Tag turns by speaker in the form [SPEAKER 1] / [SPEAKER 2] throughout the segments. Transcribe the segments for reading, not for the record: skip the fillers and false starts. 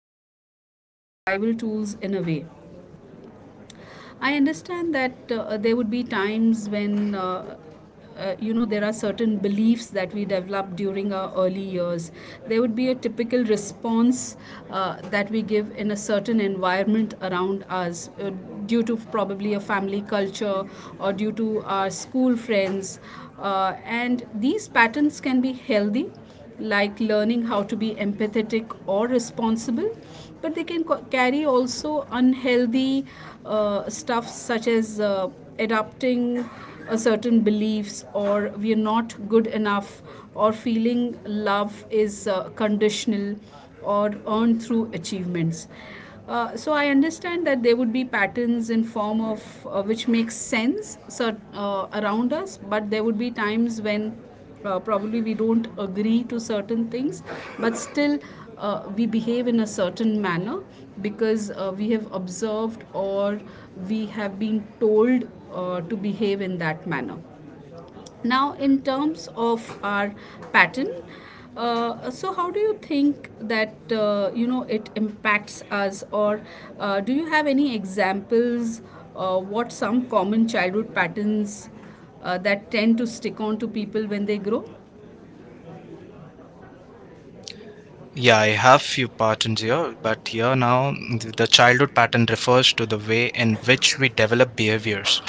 [SPEAKER 1] are really kind of survival tools in a way. I understand that there would be times when. You know, there are certain beliefs that we develop during our early years. There would be a typical response that we give in a certain environment around us due to probably a family culture or due to our school friends, and these patterns can be healthy, like learning how to be empathetic or responsible, but they can carry also unhealthy stuff, such as adopting a certain beliefs or we are not good enough, or feeling love is conditional or earned through achievements. So I understand that there would be patterns in form of which makes sense around us, but there would be times when probably we don't agree to certain things, but still we behave in a certain manner because we have observed or we have been told to behave in that manner. Now, in terms of our pattern, so how do you think that you know it impacts us, or do you have any examples? What some common childhood patterns that tend to stick on to people when they grow?
[SPEAKER 2] Yeah, I have few patterns here, but here now the childhood pattern refers to the way in which we develop behaviors,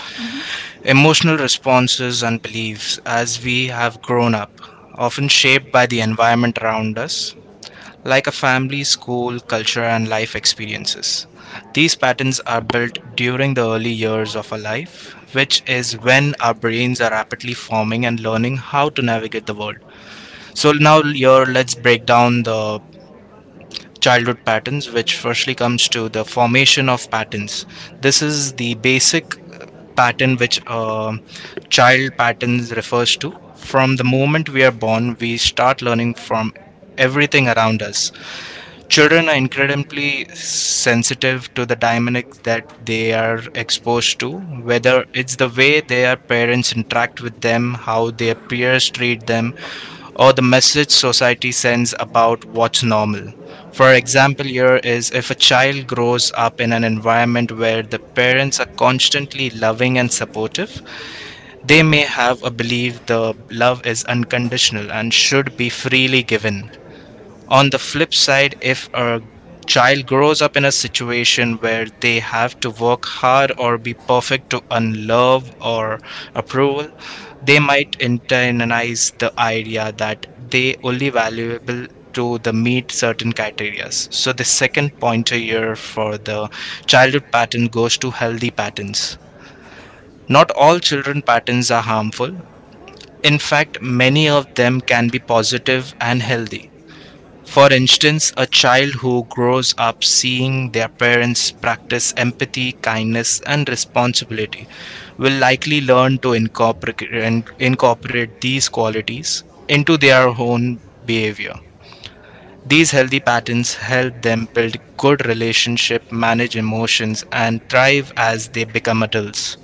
[SPEAKER 2] emotional responses and beliefs as we have grown up, often shaped by the environment around us, like a family, school, culture, and life experiences. These patterns are built during the early years of our life, which is when our brains are rapidly forming and learning how to navigate the world. So, now here let's break down the childhood patterns, which firstly comes to the formation of patterns. This is the basic pattern which child patterns refers to. From the moment we are born, we start learning from everything around us. Children are incredibly sensitive to the dynamics that they are exposed to, whether it's the way their parents interact with them, how their peers treat them, or the message society sends about what's normal. For example, here is if a child grows up in an environment where the parents are constantly loving and supportive, they may have a belief the love is unconditional and should be freely given. On the flip side, if a child grows up in a situation where they have to work hard or be perfect to earn love or approval, they might internalize the idea that they only valuable to the meet certain criteria. So the second pointer here for the childhood pattern goes to healthy patterns. Not all children patterns are harmful. In fact, many of them can be positive and healthy. For instance, a child who grows up seeing their parents practice empathy, kindness, and responsibility will likely learn to incorporate these qualities into their own behavior. These healthy patterns help them build good relationships, manage emotions, and thrive as they become adults.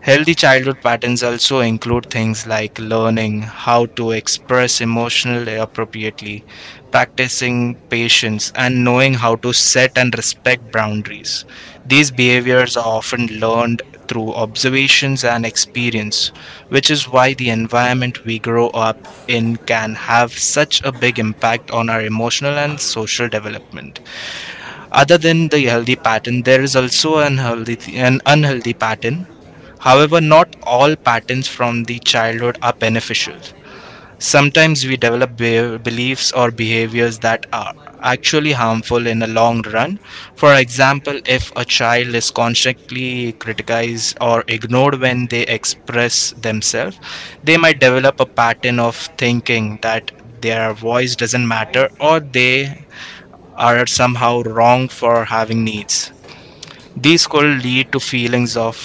[SPEAKER 2] Healthy childhood patterns also include things like learning how to express emotional appropriately, practicing patience, and knowing how to set and respect boundaries. These behaviors are often learned through observations and experience, which is why the environment we grow up in can have such a big impact on our emotional and social development. Other than the healthy pattern, there is also an healthy, an unhealthy pattern. However, not all patterns from the childhood are beneficial. Sometimes we develop beliefs or behaviors that are actually harmful in the long run. For example, if a child is constantly criticized or ignored when they express themselves, they might develop a pattern of thinking that their voice doesn't matter or they are somehow wrong for having needs. These could lead to feelings of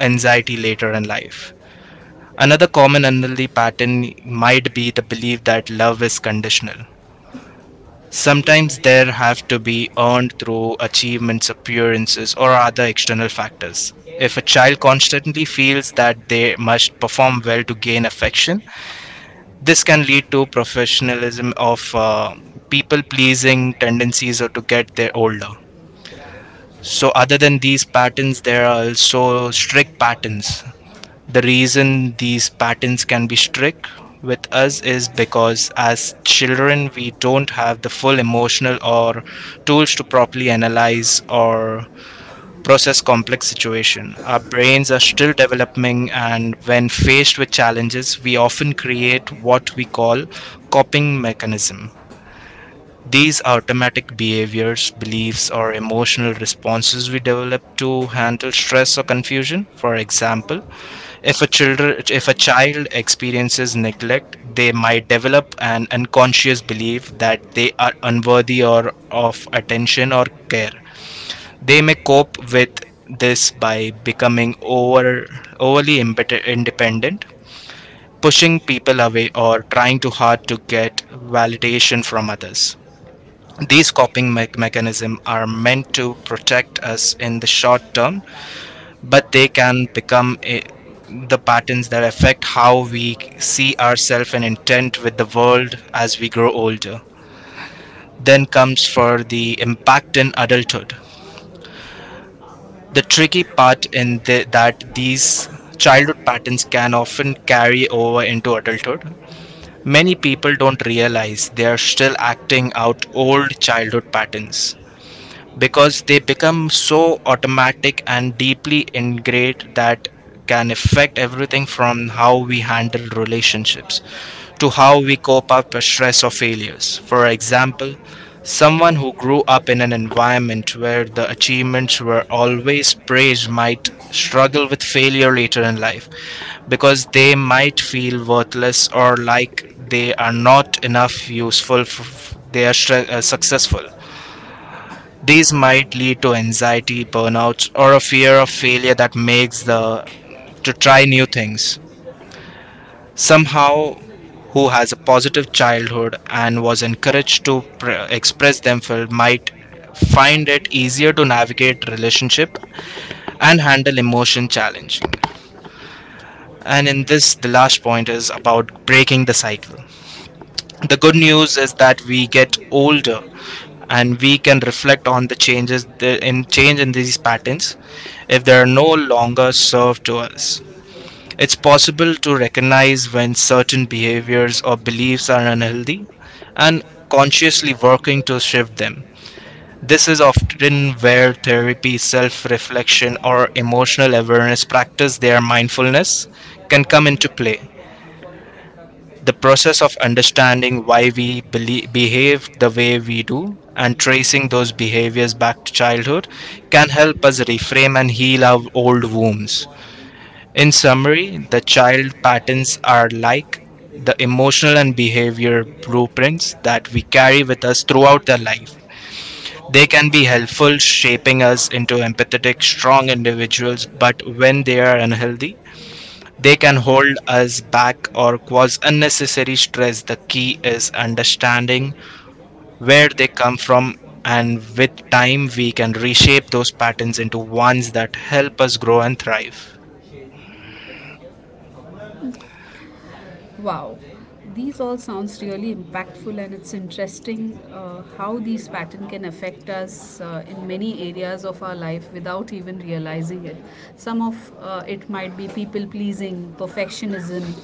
[SPEAKER 2] anxiety later in life. Another common unhealthy pattern might be the belief that love is conditional. Sometimes there have to be earned through achievements, appearances, or other external factors. If a child constantly feels that they must perform well to gain affection, this can lead to professionalism of people pleasing tendencies or to get their older. So, other than these patterns, there are also strict patterns. The reason these patterns can be strict with us is because as children, we don't have the full emotional or tools to properly analyze or process complex situation. Our brains are still developing, and when faced with challenges, we often create what we call coping mechanism, these automatic behaviors, beliefs, or emotional responses we develop to handle stress or confusion. For example, if a child experiences neglect, they might develop an unconscious belief that they are unworthy or of attention or care. They may cope with this by becoming overly independent, pushing people away or trying too hard to get validation from others. These coping mechanisms are meant to protect us in the short term, but they can the patterns that affect how we see ourselves and intent with the world as we grow older. Then comes for the impact in adulthood. The tricky part that these childhood patterns can often carry over into adulthood. Many people don't realize they are still acting out old childhood patterns because they become so automatic and deeply ingrained that can affect everything from how we handle relationships to how we cope up with stress or failures. For example, someone who grew up in an environment where the achievements were always praised might struggle with failure later in life because they might feel worthless or like they are not enough useful they are successful. These might lead to anxiety, burnout, or a fear of failure that makes the to try new things. Somehow, who has a positive childhood and was encouraged to express themselves might find it easier to navigate relationship and handle emotion challenging. And in this the last point is about breaking the cycle. The good news is that we get older and we can reflect on the changes in change in these patterns if they are no longer served to us. It's possible to recognize when certain behaviors or beliefs are unhealthy, and consciously working to shift them. This is often where therapy, self reflection, or emotional awareness practice their mindfulness can come into play. The process of understanding why we believe, behave the way we do and tracing those behaviors back to childhood can help us reframe and heal our old wounds. In summary, the child patterns are like the emotional and behavior blueprints that we carry with us throughout their life. They can be helpful, shaping us into empathetic, strong individuals, but when they are unhealthy, they can hold us back or cause unnecessary stress. The key is understanding where they come from, and with time, we can reshape those patterns into ones that help us grow and thrive.
[SPEAKER 1] Wow, these all sounds really impactful, and it's interesting how these patterns can affect us in many areas of our life without even realizing it. Some of it might be people pleasing, perfectionism,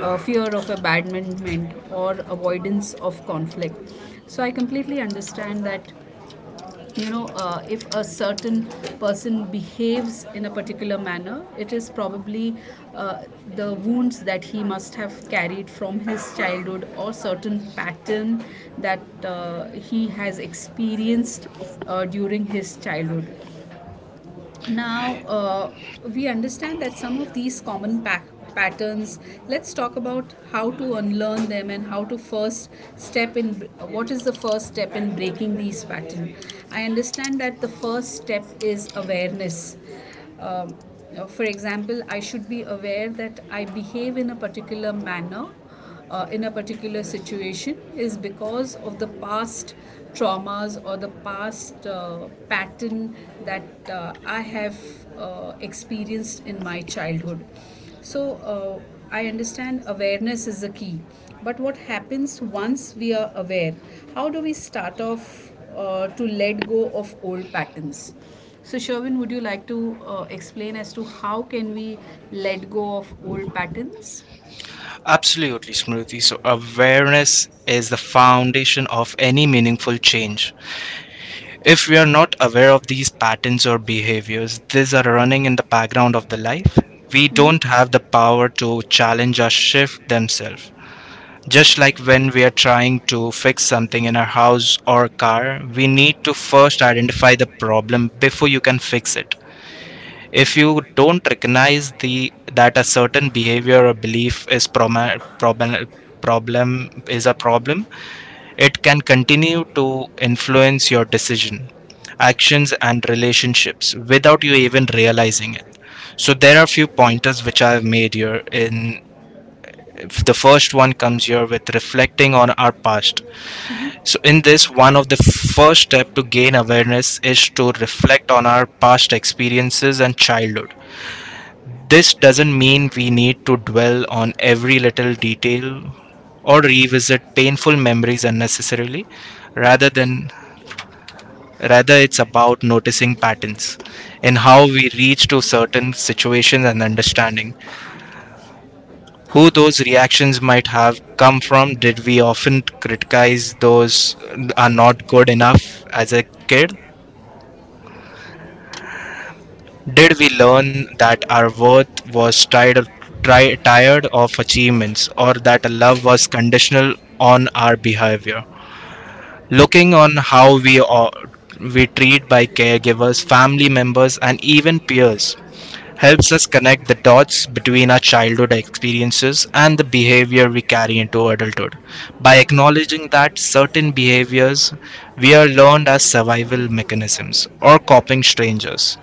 [SPEAKER 1] fear of abandonment, or avoidance of conflict. So I completely understand that you know, if a certain person behaves in a particular manner, it is probably uh, the wounds that he must have carried from his childhood or certain pattern that he has experienced during his childhood. Now, we understand that some of these common patterns, let's talk about how to unlearn them and how to first step in. What is the first step in breaking these patterns? I understand that the first step is awareness. Um, for example, I should be aware that I behave in a particular manner in a particular situation is because of the past traumas or the past pattern that I have experienced in my childhood. So, I understand awareness is the key. But what happens once we are aware? How do we start off to let go of old patterns? So, Sherwin, would you like to explain as to how can we let go of old patterns?
[SPEAKER 2] Absolutely, Smriti. So, awareness is the foundation of any meaningful change. If we are not aware of these patterns or behaviors, these are running in the background of the life. We don't have the power to challenge or shift themselves. Just like when we are trying to fix something in our house or car, we need to first identify the problem before you can fix it. If you don't recognize the that a certain behavior or belief is problem, problem is a problem, it can continue to influence your decision, actions and relationships without you even realizing it. So there are a few pointers which I have made here. In the first one comes here with reflecting on our past. So, in this, one of the first step to gain awareness is to reflect on our past experiences and childhood. This doesn't mean we need to dwell on every little detail or revisit painful memories unnecessarily, rather than rather it's about noticing patterns in how we reach to certain situations and understanding who those reactions might have come from. Did we often criticize those are not good enough as a kid? Did we learn that our worth was tired of achievements or that love was conditional on our behavior? Looking on how we are, we treat by caregivers, family members, and even peers helps us connect the dots between our childhood experiences and the behavior we carry into adulthood. By acknowledging that certain behaviors we are learned as survival mechanisms or coping strangers,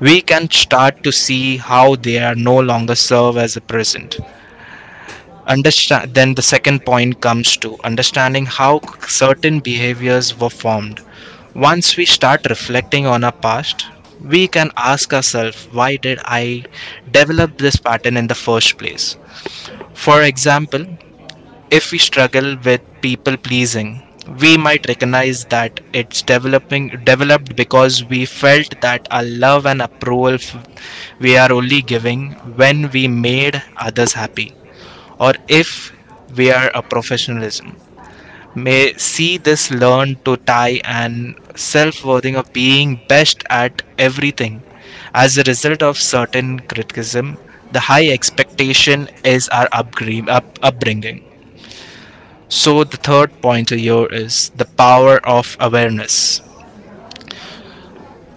[SPEAKER 2] we can start to see how they are no longer serve as a present. Understand, then the second point comes to understanding how certain behaviors were formed. Once we start reflecting on our past, we can ask ourselves, why did I develop this pattern in the first place? For example, if we struggle with people pleasing, we might recognize that it's developing developed because we felt that our love and approval we are only giving when we made others happy. Or if we are a professionalism, may see this learn to tie and self-worthing of being best at everything as a result of certain criticism, the high expectation is our upbringing. So, the third pointer here is the power of awareness.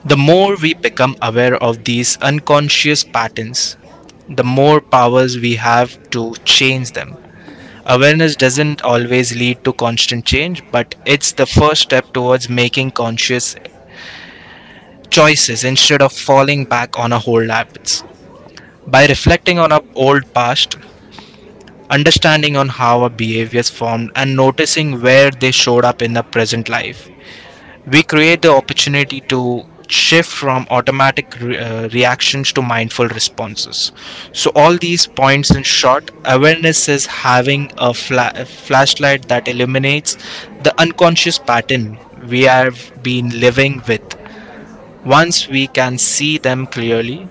[SPEAKER 2] The more we become aware of these unconscious patterns, the more powers we have to change them. Awareness doesn't always lead to constant change, but it's the first step towards making conscious choices instead of falling back on our old habits. By reflecting on our old past, understanding on how our behaviors formed and noticing where they showed up in the present life, we create the opportunity to shift from automatic reactions to mindful responses. So all these points in short, awareness is having a flashlight that illuminates the unconscious pattern we have been living with. Once we can see them clearly,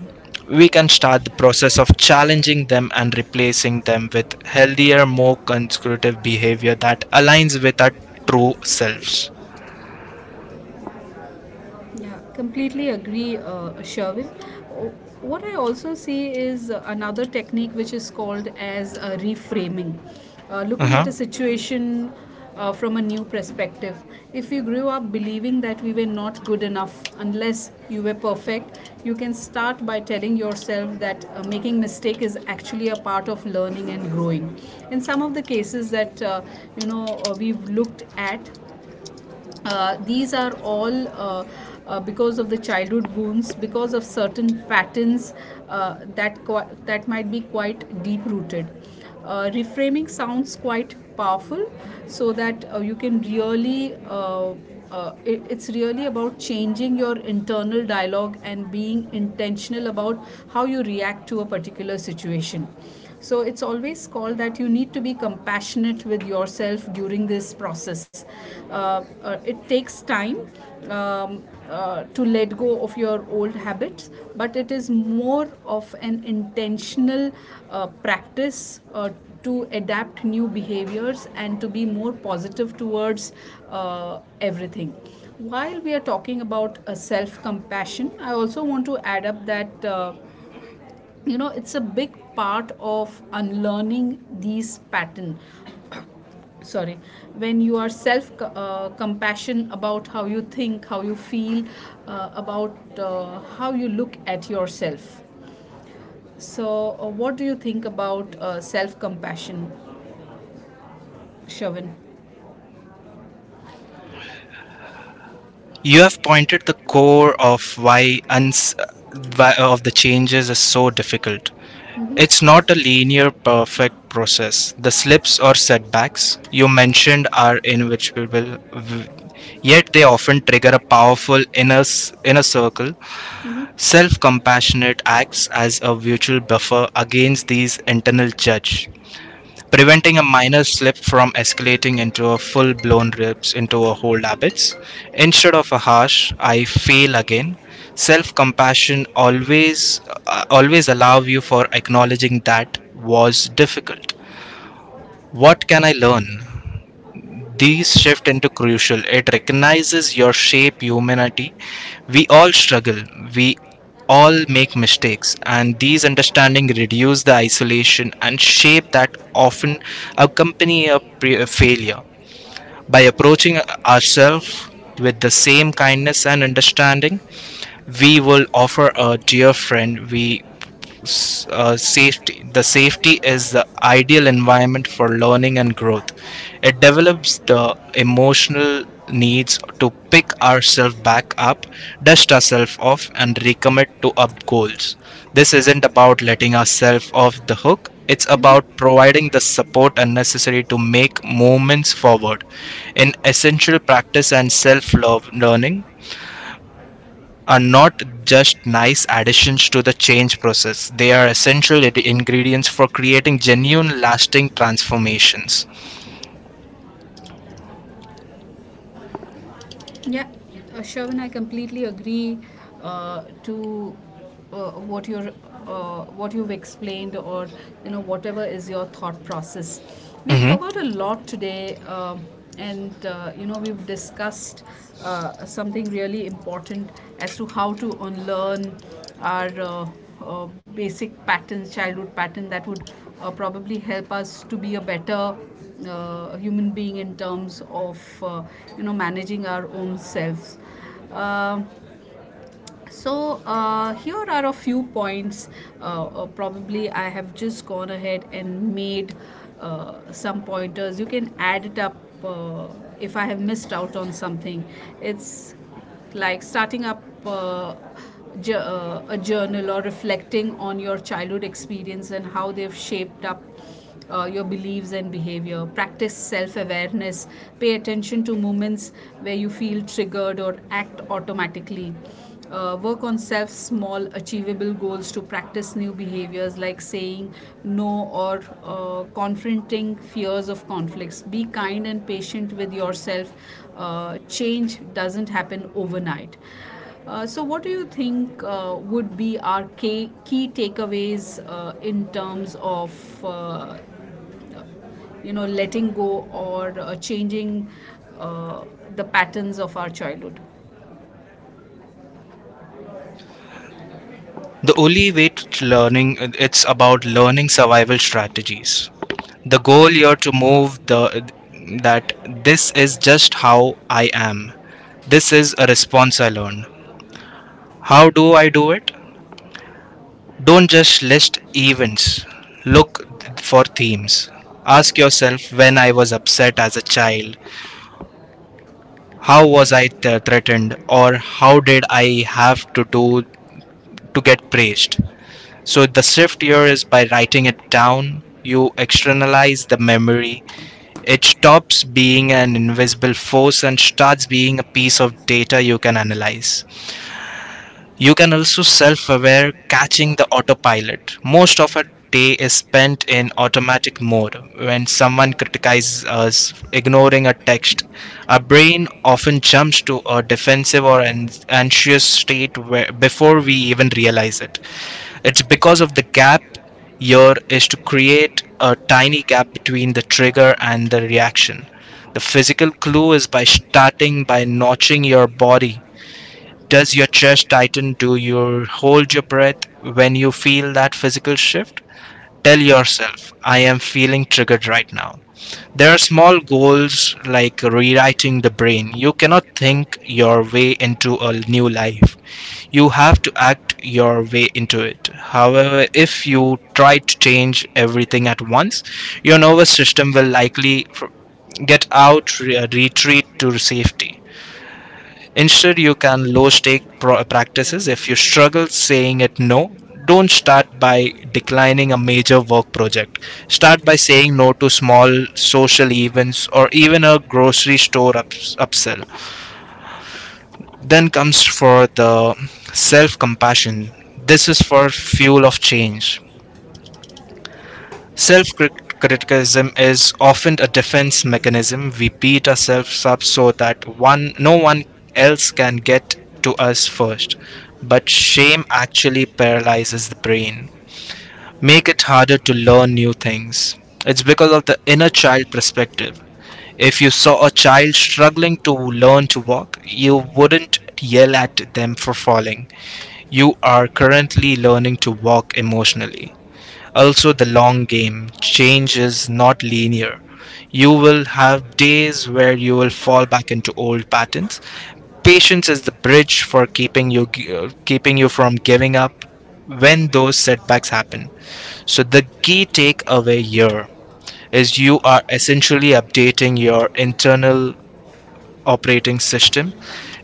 [SPEAKER 2] we can start the process of challenging them and replacing them with healthier, more constructive behavior that aligns with our true selves.
[SPEAKER 1] Yeah, completely agree, Sherwin. O- What I also see is another technique which is called as reframing, looking at
[SPEAKER 2] Uh-huh.
[SPEAKER 1] a situation from a new perspective. If you grew up believing that we were not good enough unless you were perfect, you can start by telling yourself that making mistake is actually a part of learning and growing. In some of the cases that you know we've looked at these are all because of the childhood wounds, because of certain patterns that qui- that might be quite deep rooted. Reframing sounds quite powerful, so that you can really. It, it's really about changing your internal dialogue and being intentional about how you react to a particular situation so it's always called that you need to be compassionate with yourself during this process. It takes time. Um, to let go of your old habits, but it is more of an intentional practice to adapt new behaviors and to be more positive towards everything. While we are talking about self compassion, I also want to add up that. You know it's a big part of unlearning these pattern sorry when you are self compassion about how you think how you feel about how you look at yourself so what do you think about self compassion shavan
[SPEAKER 2] You have pointed the core of why, why of the changes is so difficult. It's not a linear perfect process. The slips or setbacks you mentioned are inevitable, yet they often trigger a powerful inner circle. Self-compassionate acts as a virtual buffer against these internal judge, preventing a minor slip from escalating into a full blown rips into a hold habits. Instead of a harsh, I fail again, self compassion always, always allow you for acknowledging that was difficult. What can I learn? These shift into crucial. It recognizes your shape humanity. We all struggle, we all make mistakes, and these understanding reduce the isolation and shape that often accompany a failure. By approaching ourselves with the same kindness and understanding, we will offer a dear friend safety. The safety is the ideal environment for learning and growth. It develops the emotional needs to pick ourselves back up, dust ourselves off, and recommit to our goals. This isn't about letting ourselves off the hook, it's about providing the support and necessary to make movements forward. In essential practice and self love, learning are not just nice additions to the change process, they are essential ingredients for creating genuine, lasting transformations.
[SPEAKER 1] Yeah, Sherwin, I completely agree to what you're what you've explained, or you know whatever is your thought process. We've
[SPEAKER 2] Mhm.
[SPEAKER 1] covered a lot today, and you know we've discussed something really important as to how to unlearn our basic patterns, childhood pattern that would probably help us to be a better human being in terms of you know managing our own selves. Um so here are a few points, probably I have just gone ahead and made some pointers you can add it up, uh, if I have missed out on something. It's like starting up a journal, or reflecting on your childhood experience and how they've shaped up your beliefs and behavior. Practice self awareness. Pay attention to moments where you feel triggered or act automatically. Work on self small achievable goals to practice new behaviors like saying no, or confronting fears of conflicts. Be kind and patient with yourself. Change doesn't happen overnight. So, what do you think would be our key takeaways in terms of you know letting go or changing uh, the patterns of our childhood?
[SPEAKER 2] The only way to learning, it's about learning survival strategies. The goal here to move the that this is just how I am. This is a response I learn. How do I do it? Don't just list events. Look for themes. Ask yourself, when I was upset as a child, how was I threatened, or how did I have to do to get praised? So the shift here is by writing it down. You externalize the memory. It stops being an invisible force and starts being a piece of data you can analyze. You can also self aware catching the autopilot. Most of our day is spent in automatic mode. When someone criticizes us, ignoring a text, our brain often jumps to a defensive or an anxious state where, before we even realize it. It's because of the gap. Here is to create a tiny gap between the trigger and the reaction. The physical clue is by starting by notching your body. Does your chest tighten? Do you hold your breath? When you feel that physical shift, tell yourself, I am feeling triggered right now. There are small goals like rewriting the brain. You cannot think your way into a new life. You have to act your way into it. However, if you try to change everything at once, your nervous system will likely get out, retreat to safety. Instead, you can low stake practices. If you struggle saying it no, don't start by declining a major work project. Start by saying no to small social events or even a grocery store upsell. Then comes for the self compassion. This is for fuel of change. Self-criticism is often a defense mechanism. We beat ourselves up so that one no one else can get to us first. But shame actually paralyzes the brain, make it harder to learn new things. It's because of the inner child perspective. If you saw a child struggling to learn to walk, you wouldn't yell at them for falling. You are currently learning to walk emotionally. Also, the long game. Change is not linear. You will have days where you will fall back into old patterns. Patience is the bridge for keeping you from giving up when those setbacks happen. So the key takeaway here is you are essentially updating your internal operating system.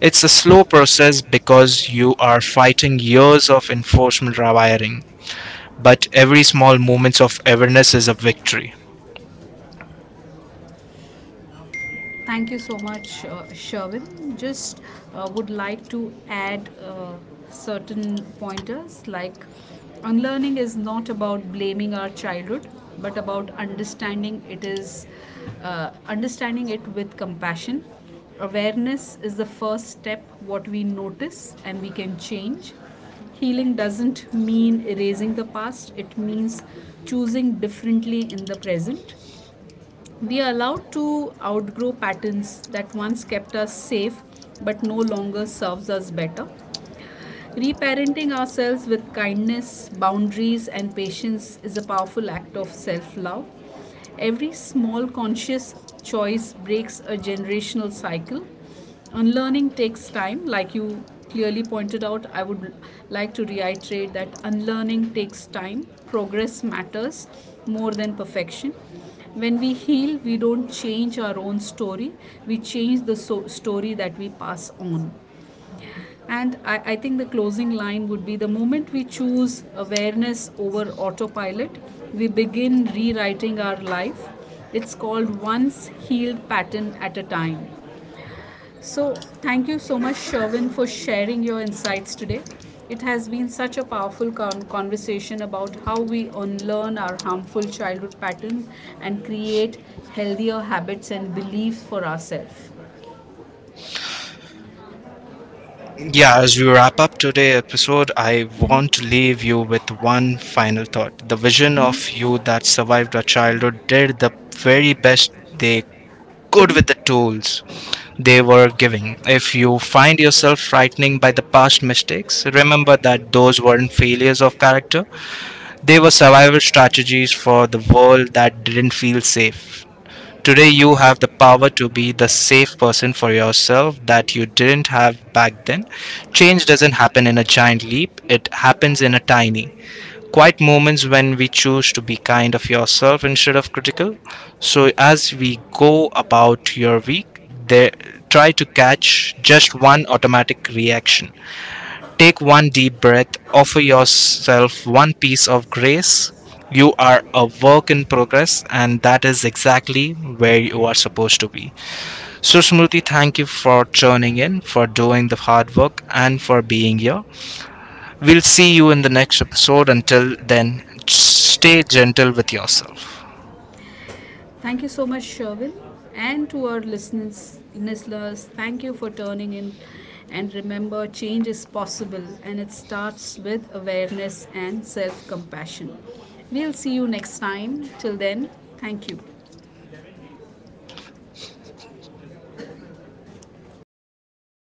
[SPEAKER 2] It's a slow process because you are fighting years of enforcement rewiring, but every small moment of awareness is a victory.
[SPEAKER 1] Thank you so much, Sherwin. Just would like to add certain pointers, like: unlearning is not about blaming our childhood but about understanding it is understanding it with compassion. Awareness is the first step, what we notice and we can change. Healing doesn't mean erasing the past, it means choosing differently in the present. We are allowed to outgrow patterns that once kept us safe but no longer serves us better. Reparenting ourselves with kindness, boundaries, and patience is a powerful act of self love. Every small conscious choice breaks a generational cycle. Unlearning takes time, like you clearly pointed out. I would like to reiterate that unlearning takes time, progress matters more than perfection. When we heal, we don't change our own story, we change the story that we pass on. And I think the closing line would be, the moment we choose awareness over autopilot, we begin rewriting our life. It's called once healed pattern at a time. So, thank you so much, Sherwin, for sharing your insights today. It has been such a powerful conversation about how we unlearn our harmful childhood patterns and create healthier habits and beliefs for ourselves.
[SPEAKER 2] Yeah, as we wrap up today's episode, I want to leave you with one final thought. The vision of you that survived a childhood did the very best they could with the tools they were giving. If you find yourself frightening by the past mistakes, remember that those weren't failures of character, they were survival strategies for the world that didn't feel safe. Today, you have the power to be the safe person for yourself that you didn't have back then. Change doesn't happen in a giant leap, it happens in a tiny, quiet moments when we choose to be kind of yourself instead of critical. So, as we go about your week, there, try to catch just one automatic reaction. Take one deep breath, offer yourself one piece of grace. You are a work in progress, and that is exactly where you are supposed to be. So, Smriti, thank you for tuning in, for doing the hard work, and for being here. We'll see you in the next episode. Until then, stay gentle with yourself.
[SPEAKER 1] Thank you so much, Sherwin. And to our listeners, thank you for turning in. And remember, change is possible, and it starts with awareness and self compassion. We'll see you next time. Till then, thank you.